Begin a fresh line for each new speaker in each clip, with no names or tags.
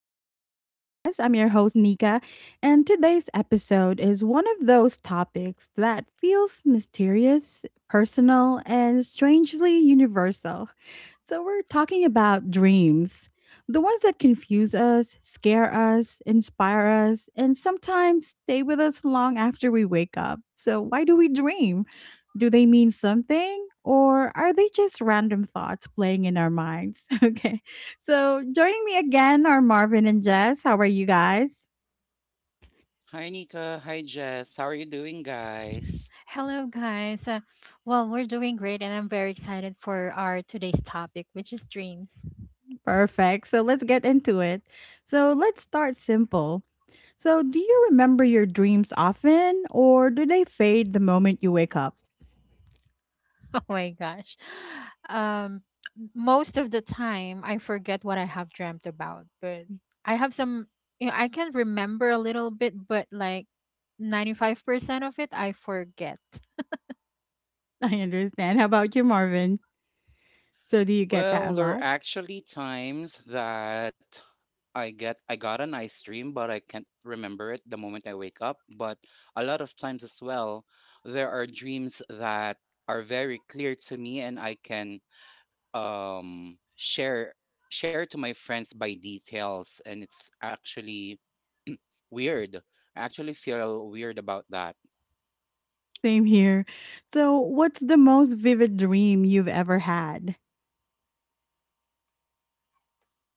to Chit Chat with Us. I'm your host, Nika, and today's episode is one of those topics that feels mysterious, personal, and strangely universal. So, we're talking about dreams, the ones that confuse us, scare us, inspire us, and sometimes stay with us long after we wake up. So, why do we dream? Do they mean something? Or are they just random thoughts playing in our minds? Okay. So, joining me again are Marvin and Jess. How are you guys?
Hi, Nika. Hi, Jess. How are you doing, guys?
Hello, guys. Well, we're doing great, and I'm very excited for our today's topic, which is dreams.
Perfect. So, let's get into it. So, let's start simple. So, do you remember your dreams often or do they fade the moment you wake up?
Oh my gosh. Um, Most of the time, I forget what I have dreamt about, but I have some, I can remember a little bit, but like 95% of it, I forget.
I understand. How about you, Marvin? So, do you get that a
Well, there are
lot?
actually times that I got a nice dream, but I can't remember it the moment I wake up. But a lot of times as well, there are dreams that are very clear to me, and I can um share share to my friends by details, and it's actually weird. I actually feel weird about that.
Same here. So, what's the most vivid dream you've ever had?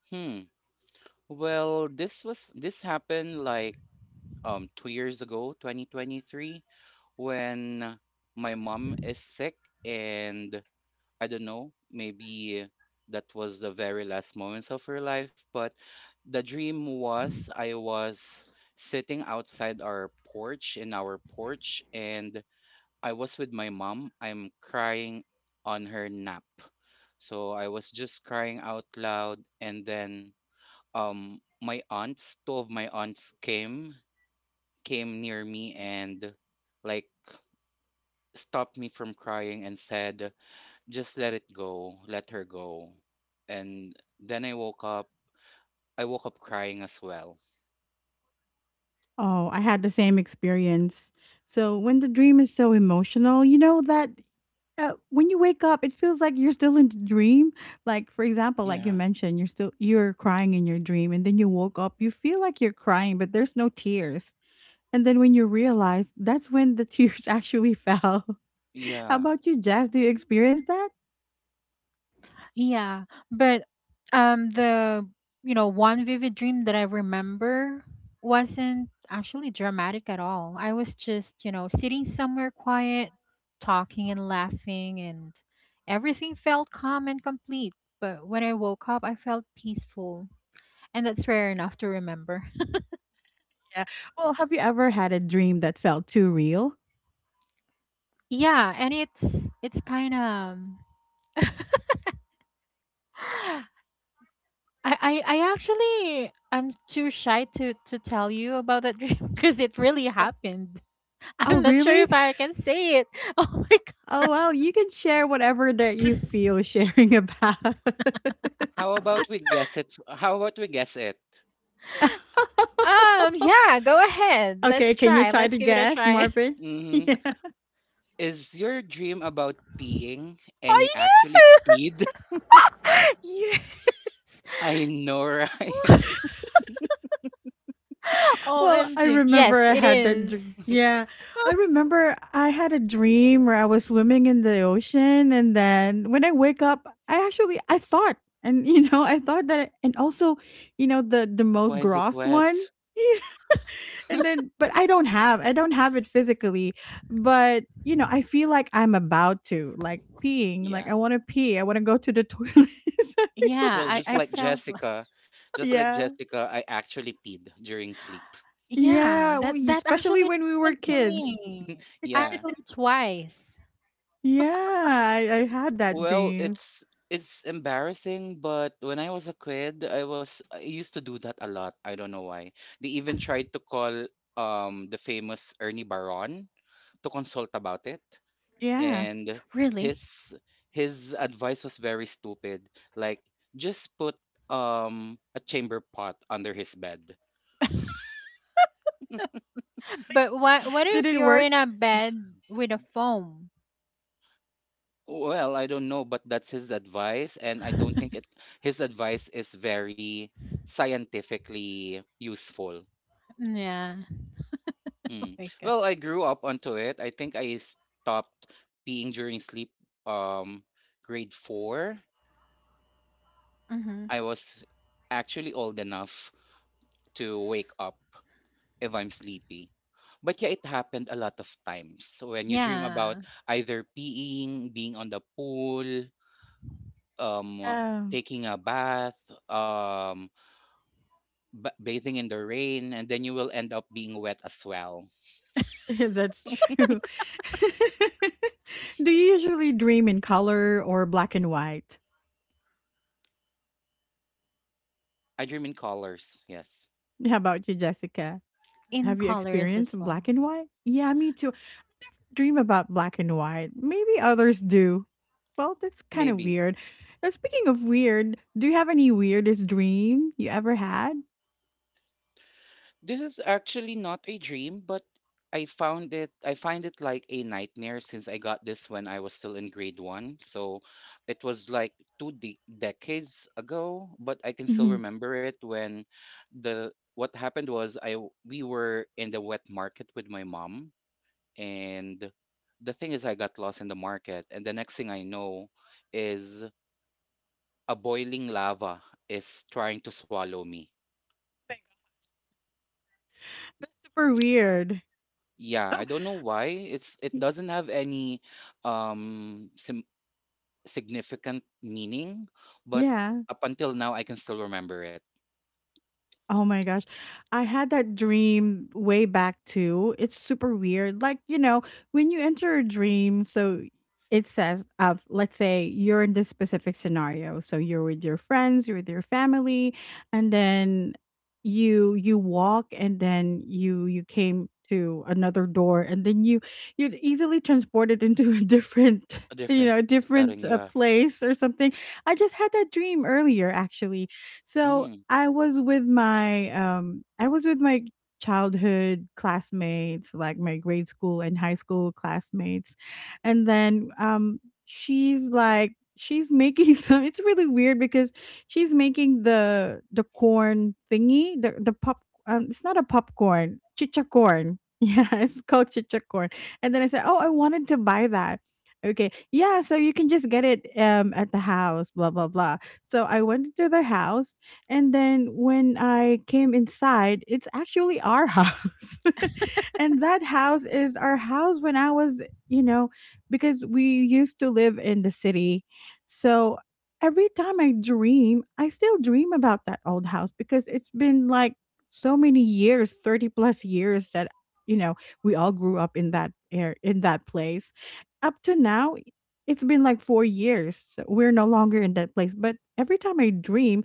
Hmm. Well, this happened like 2 years ago, 2023, when my mom is sick. And I don't know, maybe that was the very last moments of her life. But the dream was I was sitting outside our porch, in our porch, and I was with my mom. I'm crying on her nap. So I was just crying out loud. And then my aunts, two of my aunts came near me and like stopped me from crying and said, "Just let it go, let her go." And then I woke up. I woke up crying as well.
Oh, I had the same experience. So, when the dream is so emotional, you know that. When you wake up, it feels like you're still in the dream. Like, for example, like you
Yeah,
mentioned, you're crying in your dream, and then you woke up, you feel like you're crying, but there's no tears. And then when you realize, that's when the tears actually fell. How
yeah.
about you, Jazz? Do you experience that?
Yeah, but the you know one vivid dream that I remember wasn't actually dramatic at all. I was just sitting somewhere quiet, talking and laughing and everything felt calm and complete. But when I woke up, I felt peaceful, and that's rare enough to remember.
Yeah. Well, have you ever had a dream that felt too real?
Yeah, and it's kind of I'm too shy to tell you about that dream because it really happened.
Oh,
I'm not sure
really?
if I can say it. Oh my god.
Oh, well, you can share whatever that you feel sharing about.
How about we guess it? How about we guess it?
Yeah, go ahead. Let's
Okay, can you
try.
try to
Let's give it a
guess,
try.
Marvin?
Mm-hmm.
Yeah.
Is your dream about peeing and
Oh
you actually
yeah.
peed?
Yes.
I know, right?
Well, I
OMG. Yes,
remember I
it
had that
is.
dr yeah. I remember I had a dream where I was swimming in the ocean, and then when I wake up, I actually I thought, and I thought that, and also, the
Why
most
is it
gross one.
wet?
And then, but I don't have it physically, but, you know, I feel like I'm about to, like, peeing, like,
Yeah.
I wanna pee, I wanna go to the toilet.
Yeah,
Well,
I
just
I
like
felt li-
Jessica, just like
Yeah.
Jessica, I actually peed during sleep.
yeah,
Yeah,
that
we
that
especially
actually
when we were
happened to
kids.
me.
Yeah.
Actually twice.
Yeah, I had that
Well,
dream.
it's embarrassing, but when I was a kid, I used to do that a lot. I don't know why. They even tried to call the famous Ernie Baron to consult about it,
Yeah.
and
Really?
his his advice was very stupid. Like just put a chamber pot under his bed.
But what
Did
if
it
you're
work?
in a bed with a foam?
Well, I don't know, but that's his advice, and I don't think it his advice is very scientifically useful.
Yeah. Oh
Mm.
my
Well,
gosh.
I grew up onto it. I think I stopped peeing during sleep um grade 4.
Hmm.
I was actually old enough to wake up if I'm sleepy. But yeah, it happened a lot of times when you dream about
Yeah.
either peeing, being on the pool, um
Yeah.
taking a bath, um bathing in the rain, and then you will end up being wet as well.
That's true. Do you usually dream in color or black and white?
I dream in colors, yes.
How about you, Jessica?
In
Have you
colors as
experienced
well.
black and white? Yeah, me too. Dream about black and white. Maybe others do. Well, that's kind of
Maybe.
weird. Speaking of weird, do you have any weirdest dream you ever had?
This is actually not a dream, but I find it like a nightmare since I got this when I was still in grade 1. So it was like two decades ago, but I can still
hmm
remember it. When the what happened was we were in the wet market with my mom, and the thing is I got lost in the market and the next thing I know is a boiling lava is trying to swallow me.
That's super weird.
Yeah, I
Oh,
don't know why. It
y-
doesn't have any um sim- significant meaning, but
yeah.
up until now I can still remember it.
Oh my gosh. I had that dream way back too. It's super weird. Like, you know, when you enter a dream, so it says of let's say you're in this specific scenario. So you're with your friends, you're with your family, and then you walk, and then you came to another door, and then you'd easily transported into a different
A different setting,
different
yeah.
place or something. I just had that dream earlier actually. So
Mm,
I was with my childhood classmates, like my grade school and high school classmates. And then she's making some, it's really weird because she's making the corn thingy, the pop, it's not a popcorn, chicha corn. Yeah, it's called chicha corn. And then I said, "Oh, I wanted to buy that." Okay. Yeah, so you can just get it at the house, blah blah blah. So I went to their house, and then when I came inside, it's actually our house. And that house is our house when I was, you know, because we used to live in the city. So every time I dream, I still dream about that old house because it's been like so many years, 30 plus years that, you know, we all grew up in that air in that place. Up to now, it's been like 4 years. So we're no longer in that place, but every time I dream,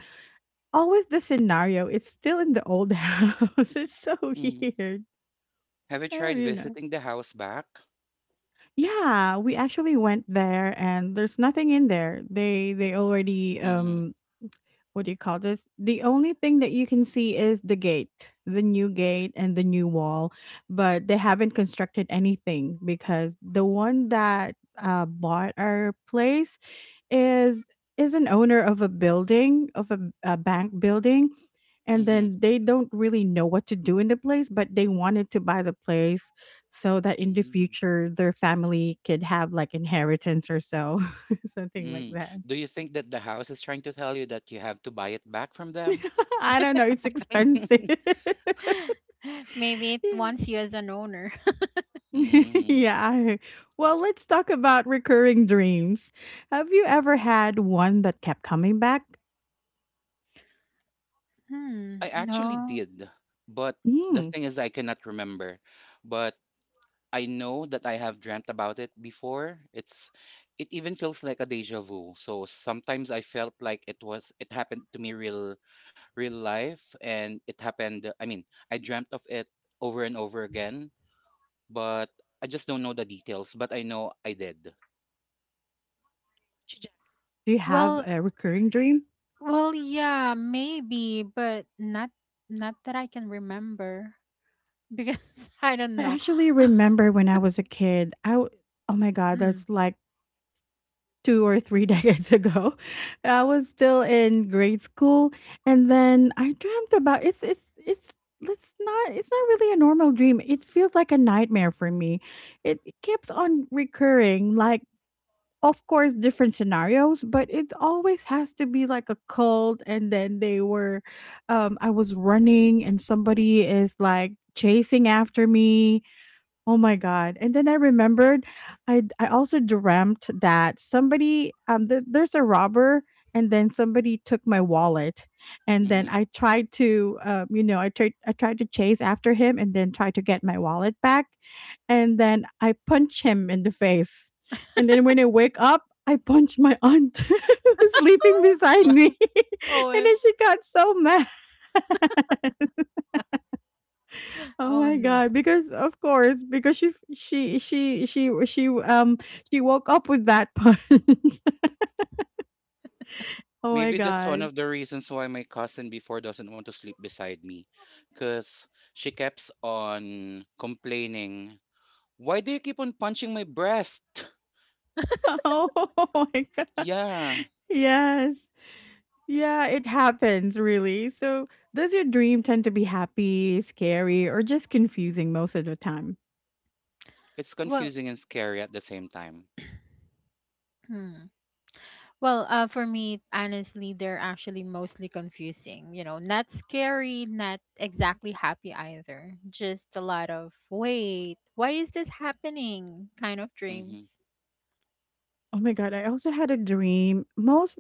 always the scenario, it's still in the old house. It's so
mm.
weird.
Have you
Oh,
tried
you know.
visiting the house back?
Yeah, we actually went there and there's nothing in there. They already,
Mm-hmm,
what do you call this? The only thing that you can see is the gate, the new gate and the new wall, but they haven't constructed anything because the one that, bought our place is is an owner of a building of a bank building, and
mm-hmm,
then they don't really know what to do in the place, but they wanted to buy the place so that in the
mm,
future their family could have like inheritance or so, something like
mm.
that.
Do you think that the house is trying to tell you that you have to buy it back from them?
I don't know. It's expensive.
Maybe it
Yeah.
wants you as an owner.
Mm-hmm.
Yeah. Well, let's talk about recurring dreams. Have you ever had one that kept coming back?
Hmm,
I actually
no.
did, but the
Mm.
thing is, I cannot remember. But I know that I have dreamt about it before. It even feels like a deja vu. So sometimes I felt like it happened to me real life, and it happened. I mean, I dreamt of it over and over again, but I just don't know the details. But I know I did.
Suggest. Do you have
Well,
a recurring dream?
well, yeah, maybe, but not that I can remember because I don't
I
know.
actually remember when I was a kid. Oh my god,
Mm.
that's like 2 or 3 decades ago. I was still in grade school, and then I dreamt about, it's not really a normal dream. It feels like a nightmare for me. It keeps on recurring, like of course different scenarios, but it always has to be like a cult, and then I was running, and somebody is like chasing after me. Oh my god. And then I remembered, I also dreamt that somebody, there's a robber, and then somebody took my wallet, and
Hmm.
then I tried to chase after him and then try to get my wallet back, and then I punch him in the face. And then when I wake up, I punch my aunt who's sleeping beside me.
Oh,
And
eh,
then she got so mad. Oh
oh
my
no.
god, because of course, because she f- she woke up with that punch. Oh my
Maybe that's one
god.
of the reasons why my cousin before doesn't want to sleep beside me. Because she keeps on complaining, "Why do you keep on punching my breast?"
Oh my god.
Yeah,
Yes. Yeah, it happens really. So, does your dream tend to be happy, scary, or just confusing most of the time?
it's
Well,
confusing and scary at the same time.
hmm. Well, for me, honestly, they're actually mostly confusing. You know, not scary, not exactly happy either. Just a lot of wait, why is this happening? Kind of
Mm-hmm,
dreams.
Oh my god, I also had a dream. Most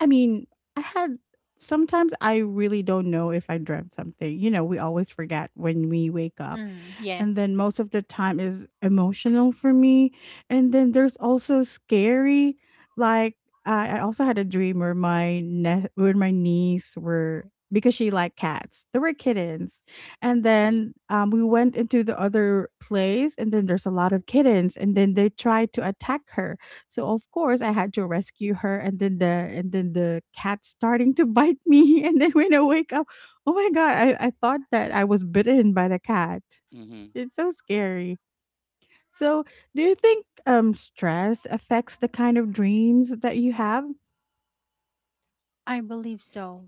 I mean, I had sometimes I really don't know if I dreamt something. You know, we always forget when we wake up.
Mm, yeah,
And then most of the time is emotional for me. And then there's also scary, like I also had a dream where where my niece were, because she liked cats. There were kittens, and
mm-hmm,
then we went into the other place, and then there's a lot of kittens, and then they tried to attack her. So of course I had to rescue her, and then the cat starting to bite me, and then when I wake up, oh my god, I thought that I was bitten by the cat.
mm-hmm.
It's so scary. So, do you think stress affects the kind of dreams that you have?
I believe so.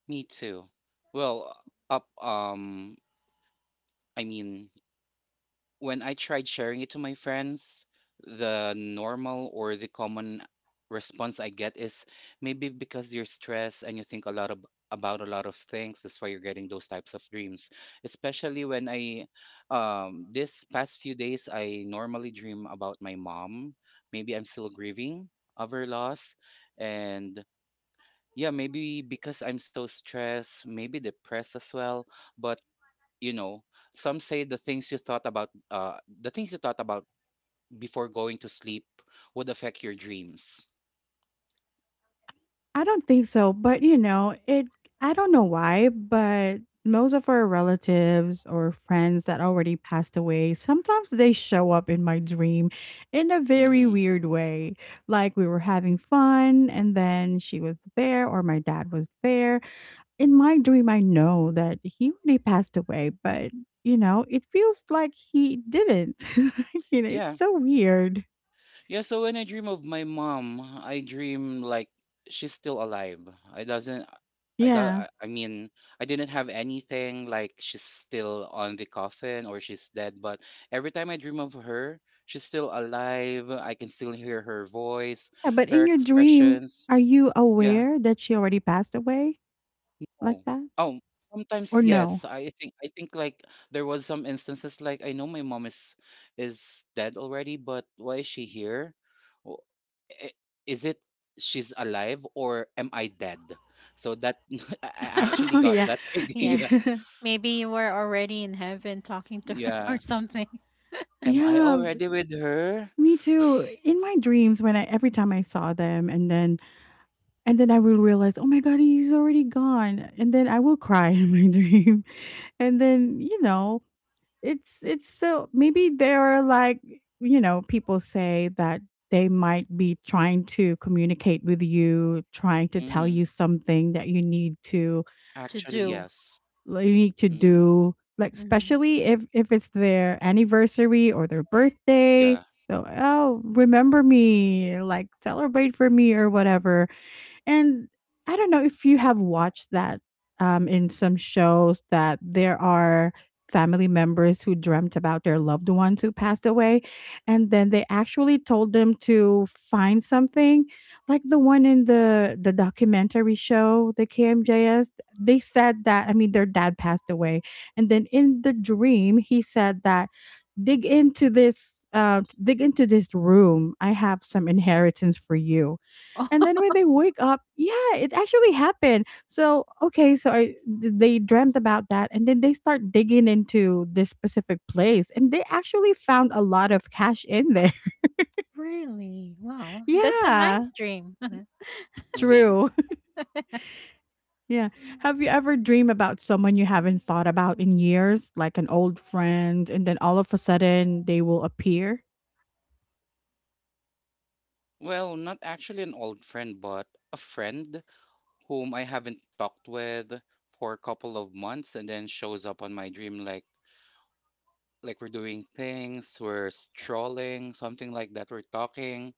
Me too. Well, up, um, I mean, when I tried sharing it to my friends, the normal or the common response I get is maybe because you're stressed and you think about a lot of things. That's why you're getting those types of dreams. Especially this past few days, I normally dream about my mom. Maybe I'm still grieving of her loss. And yeah, maybe because I'm so stressed, maybe depressed as well. But you know some say the things you thought about before going to sleep would affect your dreams.
I don't think so, but you know, it I don't know why, but most of our relatives or friends that already passed away, sometimes they show up in my dream in a very
Hmm.
weird way. Like we were having fun and then she was there, or my dad was there. In my dream, I know that he already passed away, but you know, it feels like he didn't. You know, it's
Yeah.
so weird.
Yeah, so when I dream of my mom, I dream like she's still alive. I doesn't I do,
Yeah.
I mean, I didn't have anything like she's still on the coffin or she's dead, but every time I dream of her, she's still alive. I can still hear her voice,
Yeah. But
her
in your dream,
expressions.
are you
Yeah.
aware that she already passed away like
No.
that?
Oh, sometimes
Or
yes.
no?
I think like there was some instances like I know my mom is dead already, but why is she here? Wh- Is it she's alive or am I dead? So that I actually
Oh,
got
yeah.
that
Yeah.
idea.
Yeah.
Maybe you were already in heaven talking to her or
Yeah.
something
Am I
Yeah,
already with her?
me too. In my dreams, when I every time I saw them, and then I will realize, oh my god, he's already gone, and then I will cry in my dream, and then, it's so, maybe they're like, you know, people say that they might be trying to communicate with you, trying to tell
Mm-hmm.
you something that you need to,
to
Actually,
do.
yes.
like, you need to
Mm-hmm.
do, like,
Hmm.
especially if it's their anniversary or their birthday.
Yeah.
So, "Oh, remember me," like, "Celebrate for me," or whatever. And I don't know if you have watched that, in some shows that there are family members who dreamt about their loved ones who passed away. And then they actually told them to find something, like the one in the documentary show, the KMJS. They said that, I mean, their dad passed away. And then in the dream, he said that, dig into this. Dig into this room. I have some inheritance for you. And
oh,
then when they wake up, yeah, it actually happened. So, okay, so they dreamt about that, and then they start digging into this specific place and they actually found a lot of cash in there.
really? Wow. That's a
Yeah,
nice dream.
Mm-hmm.
true. Yeah. Have you ever dreamed about someone you haven't thought about in years, like an old friend, and then all of a sudden they will appear?
Well, not actually an old friend, but a friend whom I haven't talked with for a couple of months, and then shows up on my dream like we're doing things, we're strolling, something like that. We're talking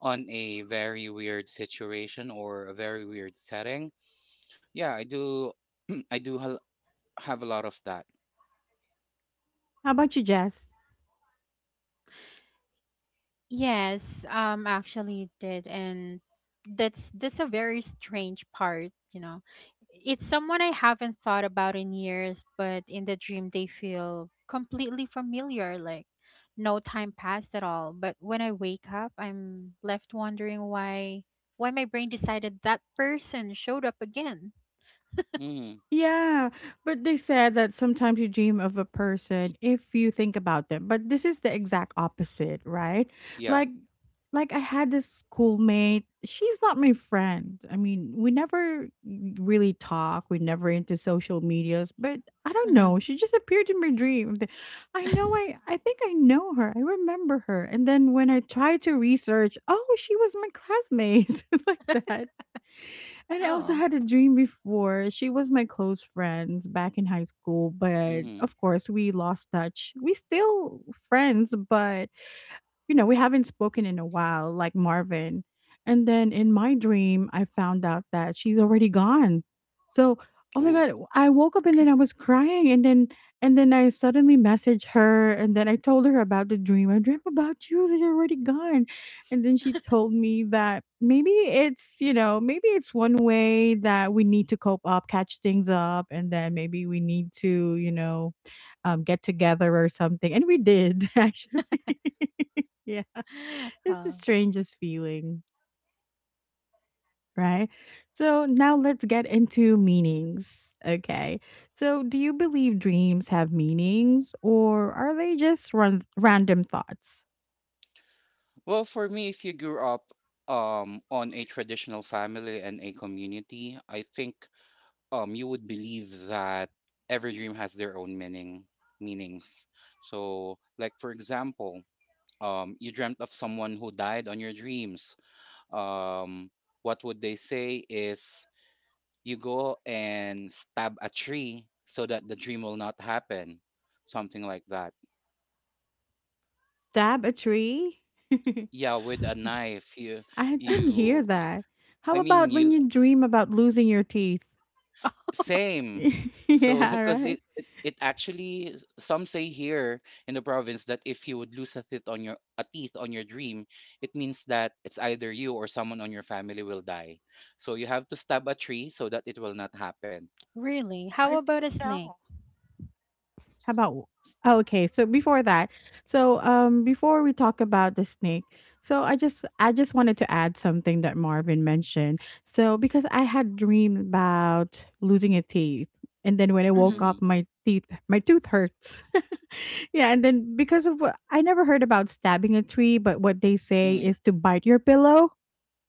on a very weird situation or a very weird setting. Yeah, I do I do have a lot of that.
How about you, Jess?
Yes, actually it did, and that's a very strange part, you know. It's someone I haven't thought about in years, but in the dream they feel completely familiar, like no time passed at all. But when I wake up, I'm left wondering why my brain decided that person showed up again.
Mm,
Yeah, but they said that sometimes you dream of a person if you think about them. But this is the exact opposite, right?
yeah.
Like like I had this schoolmate. She's not my friend. I mean, we never really talk. We never into social medias, but I don't
Hmm.
know. She just appeared in my dream. I know. I think I know her. I remember her. And then when I tried to research, oh, she was my classmate like that. And I also
Oh.
had a dream before. She was my close friends back in high school, but
Mm-hmm.
of course we lost touch. We still friends, but you know, we haven't spoken in a while, like Marvin. And then in my dream, I found out that she's already gone. So, oh my
Ooh.
God, I woke up and then I was crying. And then, I suddenly messaged her and then I told her about the dream. I dreamt about you that you're already gone. And then she told me that maybe it's one way that we need to cope up, catch things up. And then maybe we need to, get together or something. And we did actually. Yeah. It's the
Oh,
strangest feeling, right? So now let's get into meanings. Okay. So do you believe dreams have meanings or are they just random thoughts?
Well, for me, if you grew up on a traditional family and a community, I think you would believe that every dream has their own meanings, so like for example you dreamt of someone who died on your dreams. um what would they say is you go and stab a tree so that the dream will not happen, something like that.
Stab a tree?
Yeah, with a knife. you
I didn't hear
you
that. How
i
about
mean
when
you
you dream about losing your teeth?
Same. So,
Yeah,
because
right.
it actually some say here in the province that if you would lose a teeth on your dream, it means that it's either you or someone on your family will die. So you have to stab a tree so that it will not happen.
really?
I
How about
didn't
a snake?
know. How about Oh, okay, so before that, so, before we talk about the snake, so I just wanted to add something that Marvin mentioned. So, because I had dreamed about losing a teeth, and then when I woke
Mm-hmm.
Mm-hmm.
up, my tooth hurts. Yeah, and then because of what I never heard about stabbing a tree, but what they say
Mm-hmm.
is to bite your pillow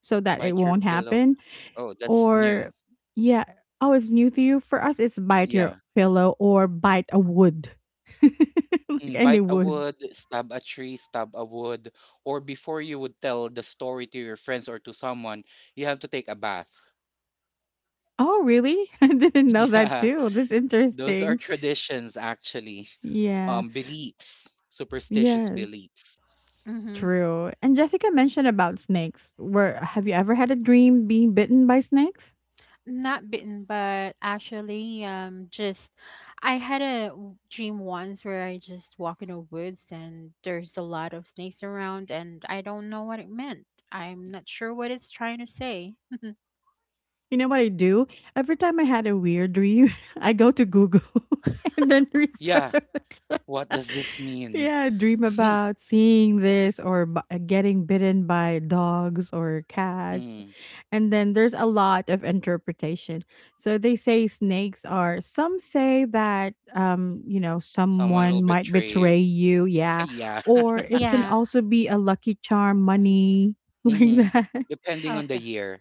so that it
Bite your
won't
pillow.
happen.
Oh, that's new.
Or yeah, oh, it's new to you? For us, it's bite
Yeah.
your pillow or bite a wood. Like
Mm,
any
bite a
wood.
wood, stab a tree, stab a wood, or before you would tell the story to your friends or to someone, you have to take a bath.
Oh, really? I didn't know that
Yeah.
too. That's
Those are
interesting.
traditions actually.
Yeah.
Beliefs, superstitious
Yes.
beliefs.
Mm-hmm.
True. And Jessica mentioned about snakes. Where have you ever had a dream being bitten by snakes?
Not bitten, but actually, just I had a dream once where I just walk in the woods and there's a lot of snakes around, and I don't know what it meant. I'm not sure what it's trying to say.
You know what I do? Every time I had a weird dream, I go to Google and then
Yeah,
research.
what does this mean?
Yeah, dream about seeing this or getting bitten by dogs or cats.
Mm.
And then there's a lot of interpretation. So they say snakes are, some say that,
Someone will
someone might
betray
betray
you.
you. Yeah.
Yeah.
Or it can
Yeah,
also be a lucky charm, money, like
Hmm.
that.
Depending on the
okay.
year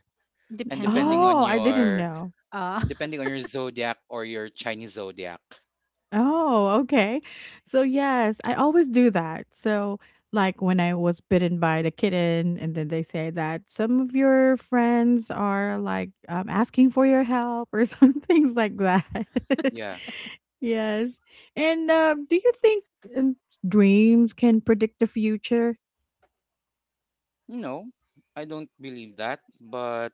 and
Depending on
depending
the
on
Oh, I didn't
your
know.
uh
depending on your zodiac or your Chinese zodiac.
Oh, okay. So yes, I always do that. So like when I was bitten by the kitten, and then they say that some of your friends are like asking for your help or some things like that.
Yeah.
Yes. And do you think um, dreams can predict the future?
No, I don't believe that, but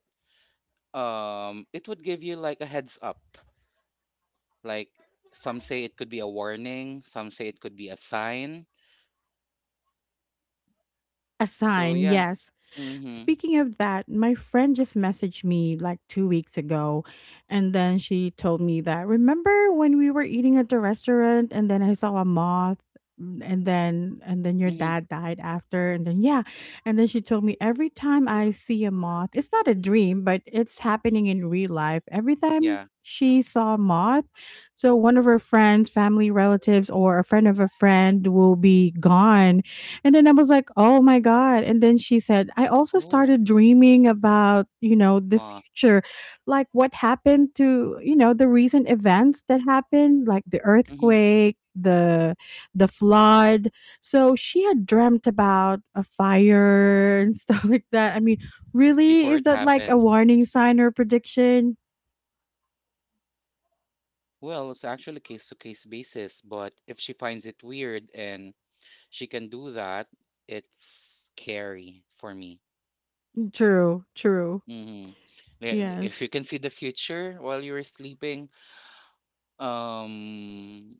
it would give you like a heads up. Like some say it could be a warning, some say it could be a sign.
A
So,
sign,
yeah.
yes.
Mhm.
Speaking of that, my friend just messaged me like 2 weeks ago, and then she told me that remember when we were eating at the restaurant, and then I saw a moth, and then your
Mhm.
dad died after, and then yeah, and then she told me every time I see a moth, it's not a dream, but it's happening in real life. Every time
Yeah.
she saw a moth, so one of her friends, family relatives, or a friend of a friend will be gone, and then I was like, "Oh my god." And then she said, "I also
Oh,
started dreaming about, the
ma.
future, like what happened to, the recent events that happened, like the
Mhm.
earthquake, the flood." So she had dreamt about a fire and stuff like that. I mean, really
Before
is
it
that like a
happens.
warning sign or prediction?
Well, it's actually case to case basis, but if she finds it weird and she can do that, it's scary for me.
True, true.
Mhm. Yeah, if
Yes.
you can see the future while you're sleeping, um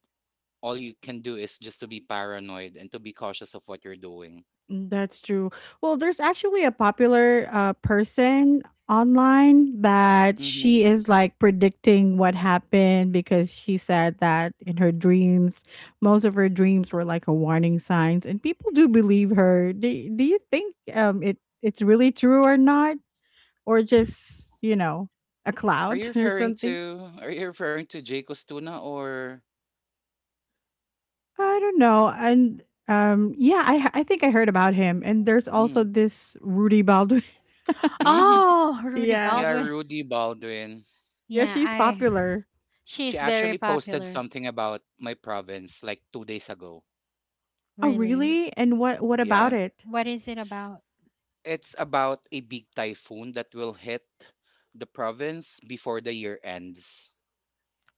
all you can do is just to be paranoid and to be cautious of what you're doing.
That's true. Well, there's actually a popular person online that
Mhm.
she is like predicting what happened because she said that in her dreams, most of her dreams were like a warning signs, and people do believe her. Do you think it's really true or not, or just a
Are you
cloud or
referring
something?
to are you referring to Jacob's tuna or
I don't know. And yeah, I think I heard about him, and there's also
Mhm.
this Rudy Baldwin.
Mhm.
oh, Rudy
Yeah.
Yeah,
Baldwin.
Rudy Baldwin.
Yeah,
Yeah,
she's
I
popular.
She
she's
actually
very
posted
popular.
something about my province like 2 days ago.
Oh,
Really?
really? And what about
Yeah.
W-
it?
What is it about?
It's about a big typhoon that will hit the province before the year ends.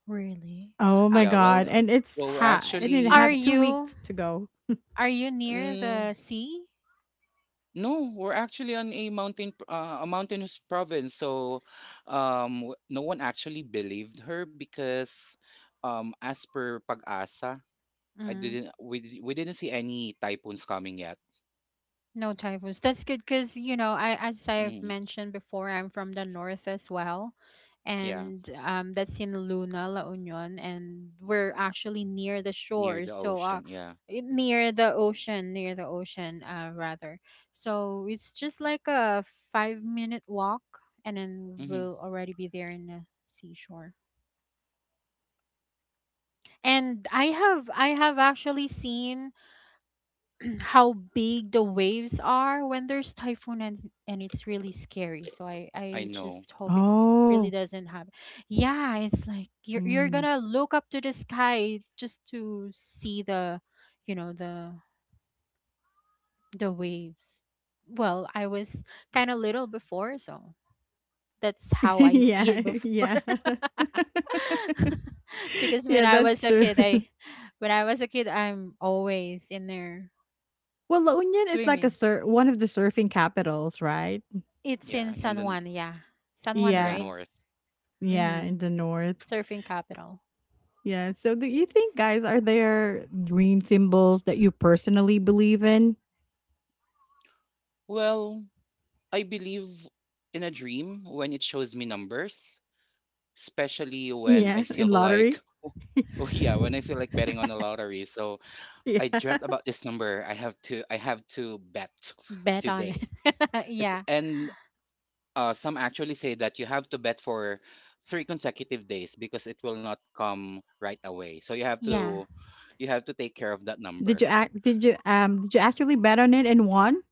Really?
Oh
Uh,
my
Yeah, well,
god. And it's
well, we're
ha and it
are
had
actually,
two
you
weeks to go.
near
mm,
the sea?
no, we're actually on a mountain, a mountainous province. So, no one actually believed her because, as per Pag-asa, I
Mm.
didn't, we didn't see any typhoons coming yet.
No typhoons. That's good because, I as I've
Mm.
mentioned before, I'm from the north as well.
Yeah,
And that's in Luna, La Union, and we're actually near the
near
shore.
the
So
ocean. Yeah.
near the ocean, rather. So it's just like a 5 minute walk and then
Hmm.
we'll already be there in the seashore. And I have actually seen how big the waves are when there's typhoon and it's really scary. So I
I
I just
know.
hope it really
Oh,
doesn't happen. Yeah, it's like you're
mm.
gonna look up to the sky just to see the, you know, the waves. Well, I was kind of little before, so that's how I see
Yeah,
it before.
yeah.
Because
Yeah, that's true.
when I was a kid, I'm always in there
Well, La Union is like a
swimming.
one of the surfing capitals, right?
It's in
Yeah, in
San
S-
the
Juan, yeah. San Juan, right?
Yeah.
north.
Yeah,
Mm-hmm.
in the north.
Surfing capital.
Yeah. So do you think guys are there green symbols that you personally believe in?
Well, I believe in a dream when it shows me numbers, especially when I
Yeah, in
feel like
lottery?
oh yeah, when I feel like betting on the lottery. So I dreamt
Yeah.
about this number. I have to bet
Bet on
today.
it.
It's,
Yeah.
and some actually say that you have to bet for 3 consecutive days because it will not come right away. So you have
Yeah.
to you have to take care of that
Did
number.
you act did you, um, did you actually bet on it and won?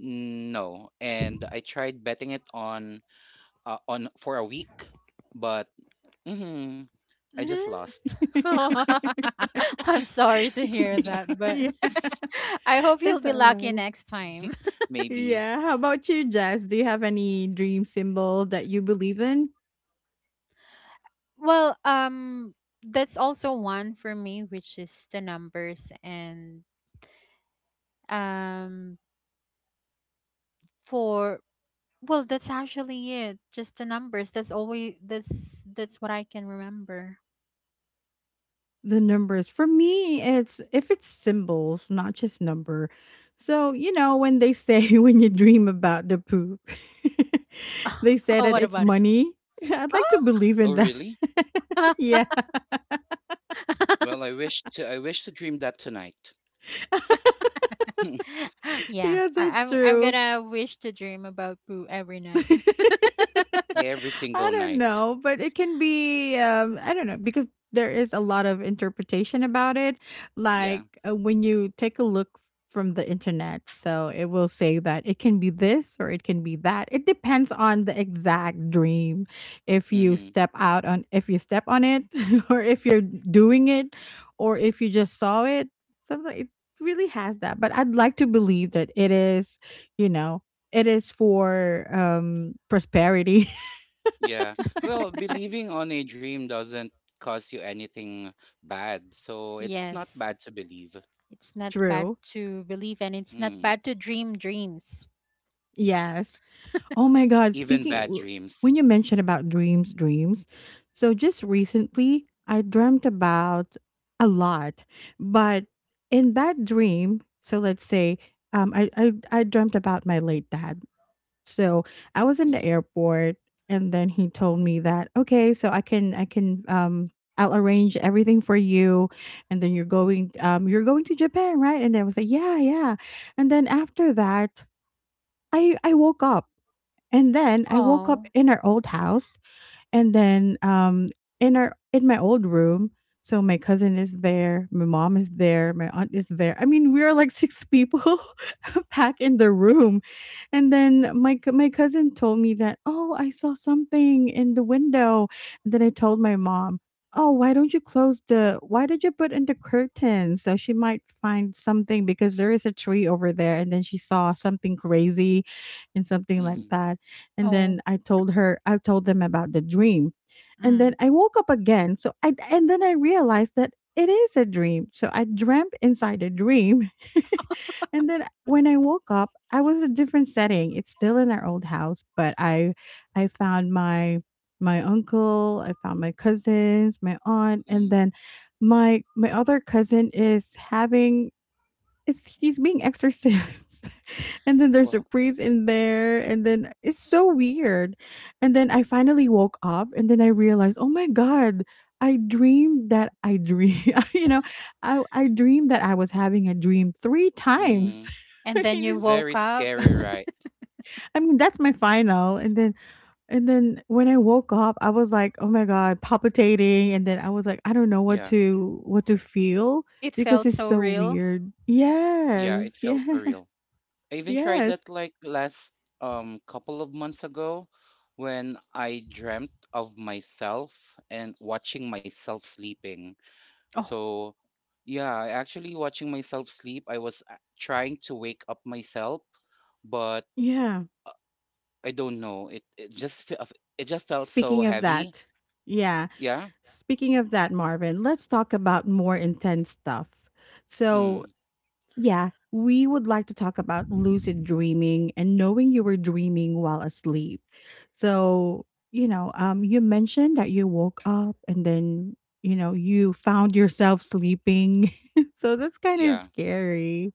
Mm. No, and I tried betting it on for a week, but mhm, I just lost.
Mm-hmm. I'm sorry to hear that, but
Yeah,
I hope you'll
that's
be lucky
alright.
next time.
Maybe.
Yeah, how about you, Jess? Do you have any dream symbol that you believe in?
Well, that's also one for me, which is the numbers and um for well, that's actually it. Just the numbers. That's always that's what I can remember.
The numbers. For me, it's if it's symbols, not just number. So, when they say when you dream about the poop, they say
Oh,
that
what
it's
about
money. I'd like to believe
Oh,
in that.
really?
it?
Yeah,
Well, I wish to dream that tonight.
Yeah,
yeah,
I,
that's
I'm I'm
true.
gonna wish to dream about Boo every night.
Every
I
single
don't
night.
know, but it can be, I don't know, because there is a lot of interpretation about it.
Yeah.
Like when you take a look from the internet, so it will say that it can be this or it can be that. It depends on the exact dream. If you
Mhm.
if you step on it, or if you're doing it, or if you just saw it, something. It really has that. But I'd like to believe that it is, you know it is for, prosperity.
Yeah. Well, believing on a dream doesn't cause you anything bad, so it's not
Yes,
bad to believe.
it's not bad
True.
to believe, and it's not
Mm,
bad to dream dreams.
yes.
Yes. Oh my god,
Even
speaking
bad
w
dreams.
when you mentioned about dreams, so just recently, I dreamt about a lot, but in that dream so let's say, I dreamt about my late dad. So, I was in the
Mm,
airport and then he told me that, "Okay, so I can I'll arrange everything for you, and then you're going to Japan, right?" And I was like, "Yeah, yeah." And then after that, I woke up, and then I woke up
Oh.
in our old house, and then, in my old room, so my cousin is there, my mom is there, my aunt is there. I mean, we are like 6 people back in the room. And then my cousin told me that, "Oh, I saw something in the window." And then I told my mom, "Oh, why don't you close the why did you put in the curtains?" So she might find something because there is a tree over there, and then she saw something crazy and something like
mhm,
that. And then
Oh.
I told them about the dream. And
Mm.
then I woke up again. So I and then I realized that it is a dream. So I dreamt inside a dream. And then when I woke up, I was a different setting. It's still in our old house, but I found my uncle, I found my cousins, my aunt,
mm,
and then my other cousin is having, it's he's being exorcised and then there's a
well.
priest in there and then it's so weird, and then I finally woke up and then I realized, oh my god, I dreamed that I dream you know I dreamed that I was having a dream three times.
Mm.
And
I
then
mean,
you
It's
it's-
woke
very
up.
scary, right?
I mean that's my final, and then when I woke up I was like, oh my god, palpitating, and then I was like, I don't know
Yeah.
what to feel
It
because
felt
it's
so
so
real.
weird.
Yeah, it
Yes.
felt
Yes.
surreal. I even tried
Yes.
that like last couple of months ago when I dreamt of myself and watching myself sleeping.
Oh.
So, yeah, I actually watching myself sleep. I was trying to wake up myself, but
Yeah.
uh, I don't know. It just felt so
Speaking of
heavy.
that, yeah.
Yeah.
Speaking of that, Marvin, let's talk about more intense stuff. So,
Mm,
yeah, we would like to talk about lucid dreaming and knowing you were dreaming while asleep. So, you mentioned that you woke up and then, you found yourself sleeping. So that's kind of
yeah.
scary.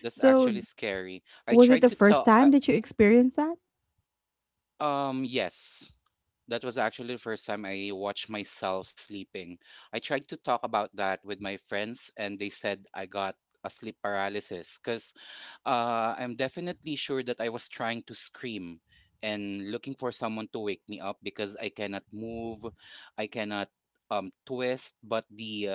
That's
So,
actually scary. I
was it
tried
the
to
first
tell.
time that you experienced that?
Yes. That was actually the first time I watched myself sleeping. I tried to talk about that with my friends, and they said I got a sleep paralysis because I'm definitely sure that I was trying to scream and looking for someone to wake me up because I cannot move, I cannot twist. But the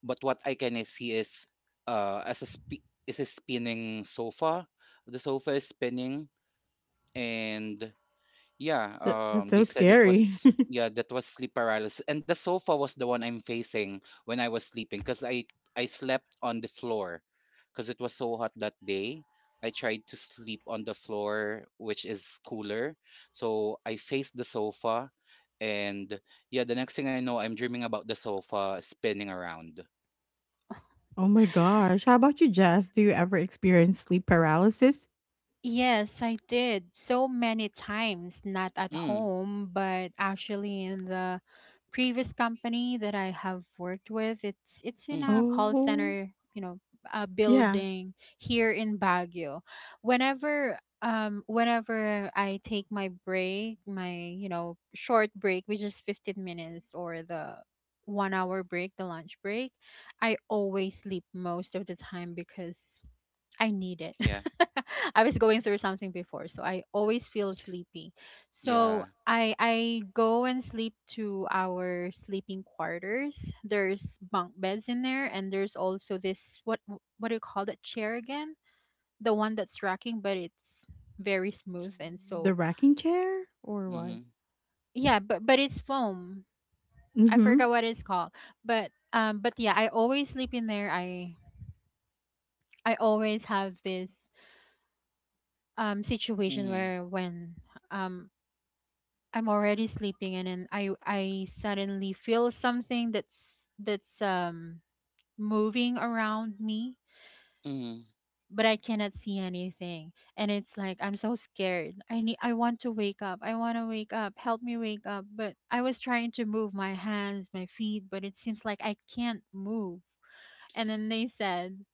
but what I can see is is a spinning sofa. The sofa is spinning and yeah,
That's
they
so
said it
scary.
was yeah, that was sleep paralysis, and the sofa was the one I'm facing when I was sleeping because I slept on the floor because it was so hot that day. I tried to sleep on the floor, which is cooler, so I faced the sofa, and yeah, the next thing I know, I'm dreaming about the sofa spinning around.
Oh my gosh. How about you, Jess? Do you ever experience sleep paralysis?
Yes, I did so many times, not at
Mm,
home, but actually in the previous company that I have worked with. It's in a
mm-hmm,
call
Oh,
center, a
yeah.
building here in Baguio. Whenever I take my break, my short break, which is 15 minutes or the 1 hour break, the lunch break, I always sleep most of the time because I need it.
yeah,
I was going through something before, so I always feel sleepy.
yeah,
So I go and sleep to our sleeping quarters. There's bunk beds in there, and there's also this, what do you call that chair again? The one that's rocking, but it's very smooth
s-
and
The
so
rocking chair or what?
mm-hmm,
yeah, but it's foam. I
Mm-hmm.
forgot what it's called, but yeah, I always sleep in there. I always have this situation
mm-hmm,
where when um I'm already sleeping and then I suddenly feel something that's moving around me,
mm-hmm,
but I cannot see anything. And it's like I'm so scared. I want to wake up. I want to wake up. Help me wake up. But I was trying to move my hands, my feet, but it seems like I can't move. And then they said,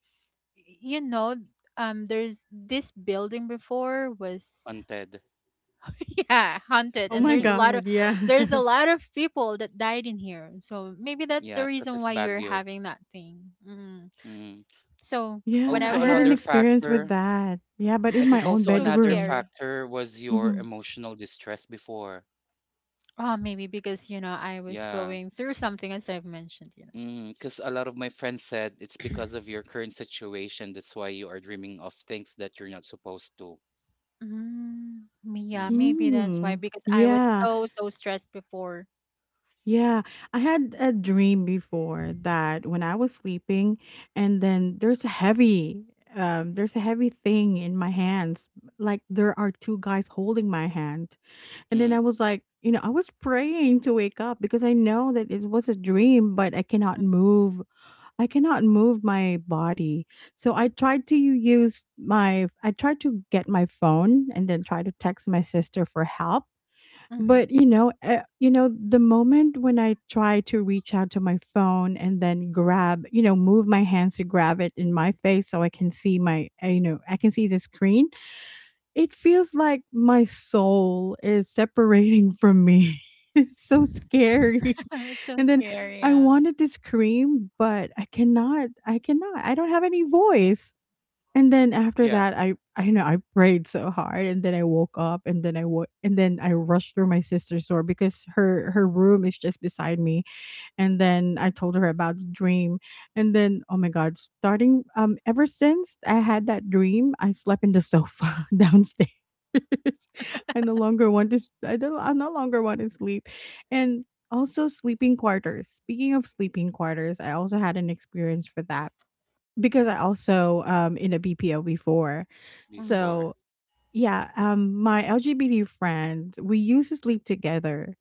you know, there's this building before was,
haunted.
yeah, haunted,
Oh
and
my
there's a lot of
god, yeah.
there's a lot of people that died in here, so maybe that's the
yeah, because
reason
it's
why you're
Baguio.
having that thing. mm.
Mm.
So
Yeah, I
Also
had an
whenever
another
experience with
factor,
that. Yeah, but
I
in my
think
own
also
so
another
bedroom.
scary.
factor was your
Mm-hmm.
emotional distress before.
Oh, maybe because I was
Yeah.
going through something, as I've mentioned.
Because a lot of my friends said it's because of your current situation. That's why you are dreaming of things that you're not supposed to.
Mm, yeah,
Mm,
maybe that's why,
Mm.
because I was
Yeah,
so stressed before.
yeah. I had a dream before that when I was sleeping, and then there's a heavy thing in my hands. Like there are two guys holding my hand. And then I
mm,
was like, I was praying to wake up because I know that it was a dream, but I cannot
Mm.
move. I cannot move my body. So I tried to use my, I tried to get my phone and then try to text my sister for help.
Mm-hmm.
But the moment when I try to reach out to my phone and then grab, move my hands to grab it in my face so I can see my, I can see the screen, it feels like my soul is separating from me. It's so scary.
It's so
And then
scary,
I
yeah.
wanted to scream, but I cannot. I cannot. I don't have any voice. And then after
yeah,
that, I know I prayed so hard, and then I woke up, and then and then I rushed through my sister's door because her room is just beside me, and then I told her about the dream. And then, oh my God, starting ever since I had that dream, I slept in the sofa downstairs. I no longer want to. I don't. I no longer want to sleep, and also sleeping quarters. Speaking of sleeping quarters, I also had an experience for that because I also in a BPO before,
Mm-hmm.
before.
so yeah, my LGBT friend, we used to sleep together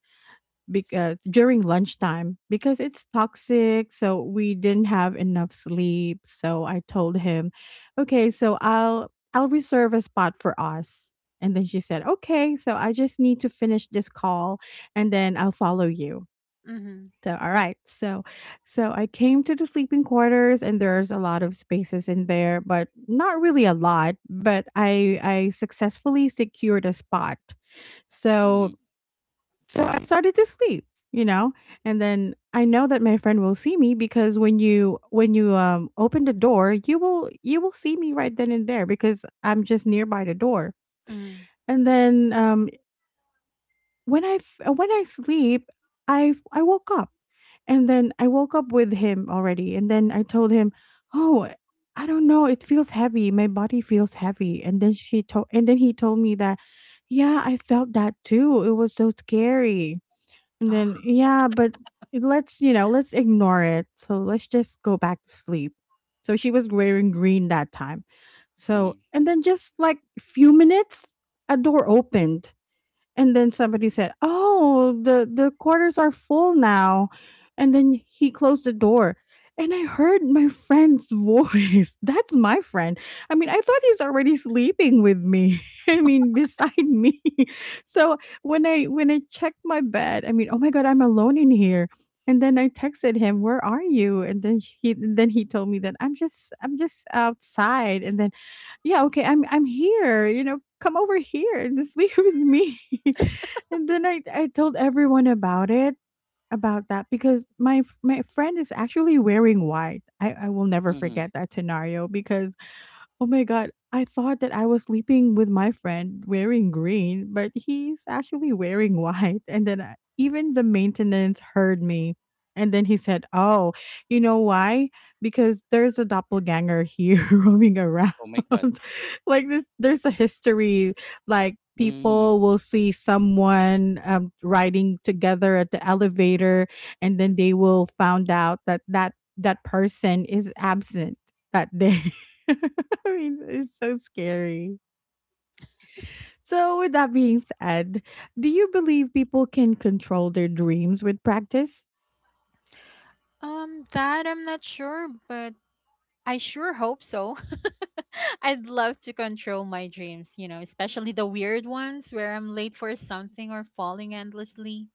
because during lunchtime, because it's toxic, so we didn't have enough sleep, so I told him, okay, so I'll reserve a spot for us. And then she said, okay, so I just need to finish this call and then I'll follow you.
Mm-hmm.
So all right. So so I came to the sleeping quarters and there's a lot of spaces in there, but not really a lot, but I successfully secured a spot. So
Mm,
so I started to sleep, you know, and then I know that my friend will see me because when you open the door, you will see me right then and there because I'm just nearby the door.
Mm.
And then when when I sleep, I woke up. And then I woke up with him already and then I told him, "Oh, I don't know, it feels heavy. My body feels heavy." And then he told me that, "Yeah, I felt that too. It was so scary." And then yeah, but let's, let's ignore it. So let's just go back to sleep. So she was wearing green that time. So
mm,
and then just like few minutes, a door opened and then somebody said, "Oh, the quarters are full now." And then he closed the door. And I heard my friend's voice. That's my friend. I mean, I thought he's already sleeping with me. I mean, beside me. So when I checked my bed, I mean, oh my god, I'm alone in here. And then I texted him, "Where are you?" And then he told me that I'm just outside. And then yeah, okay, I'm here. You know, come over here and sleep with me. And then I told everyone about it, about that because my friend is actually wearing white. I will never
mm.
forget that scenario because oh my god, I thought that I was sleeping with my friend wearing green, but he's actually wearing white. And then I, even the maintenance heard me. And then he said, "Oh, you know why? Because there's a doppelganger here roaming around.
Oh my God.
Like this, there's a history. Like
Mm-hmm.
people will see someone, riding together at the elevator, and then they will found out that that person is absent that day." I mean, it's so scary. So, with that being said, do you believe people can control their dreams with practice?
That I'm not sure, but I sure hope so. I'd love to control my dreams, especially the weird ones where I'm late for something or falling endlessly.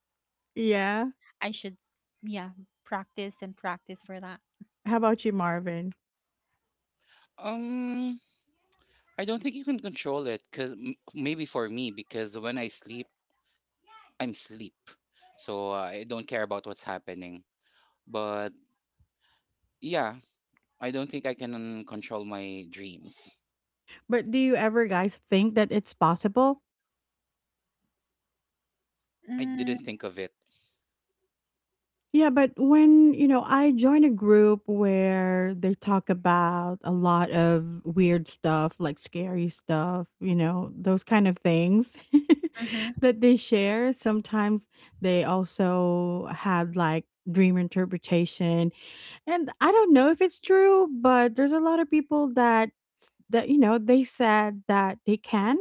Yeah.
I should, yeah, practice and practice for that.
How about you, Marvin?
Um, I don't think you can control it because maybe for me, because when I sleep, I'm sleep. So I don't care about what's happening. But yeah, I don't think I can control my dreams.
But do you ever guys think that it's possible?
I
Mm.
didn't think of it.
Yeah, but when, I join a group where they talk about a lot of weird stuff, like scary stuff, you know, those kind of things
Mm-hmm.
that they share. Sometimes they also have like dream interpretation. And I don't know if it's true, but there's a lot of people that you know, they said that they can.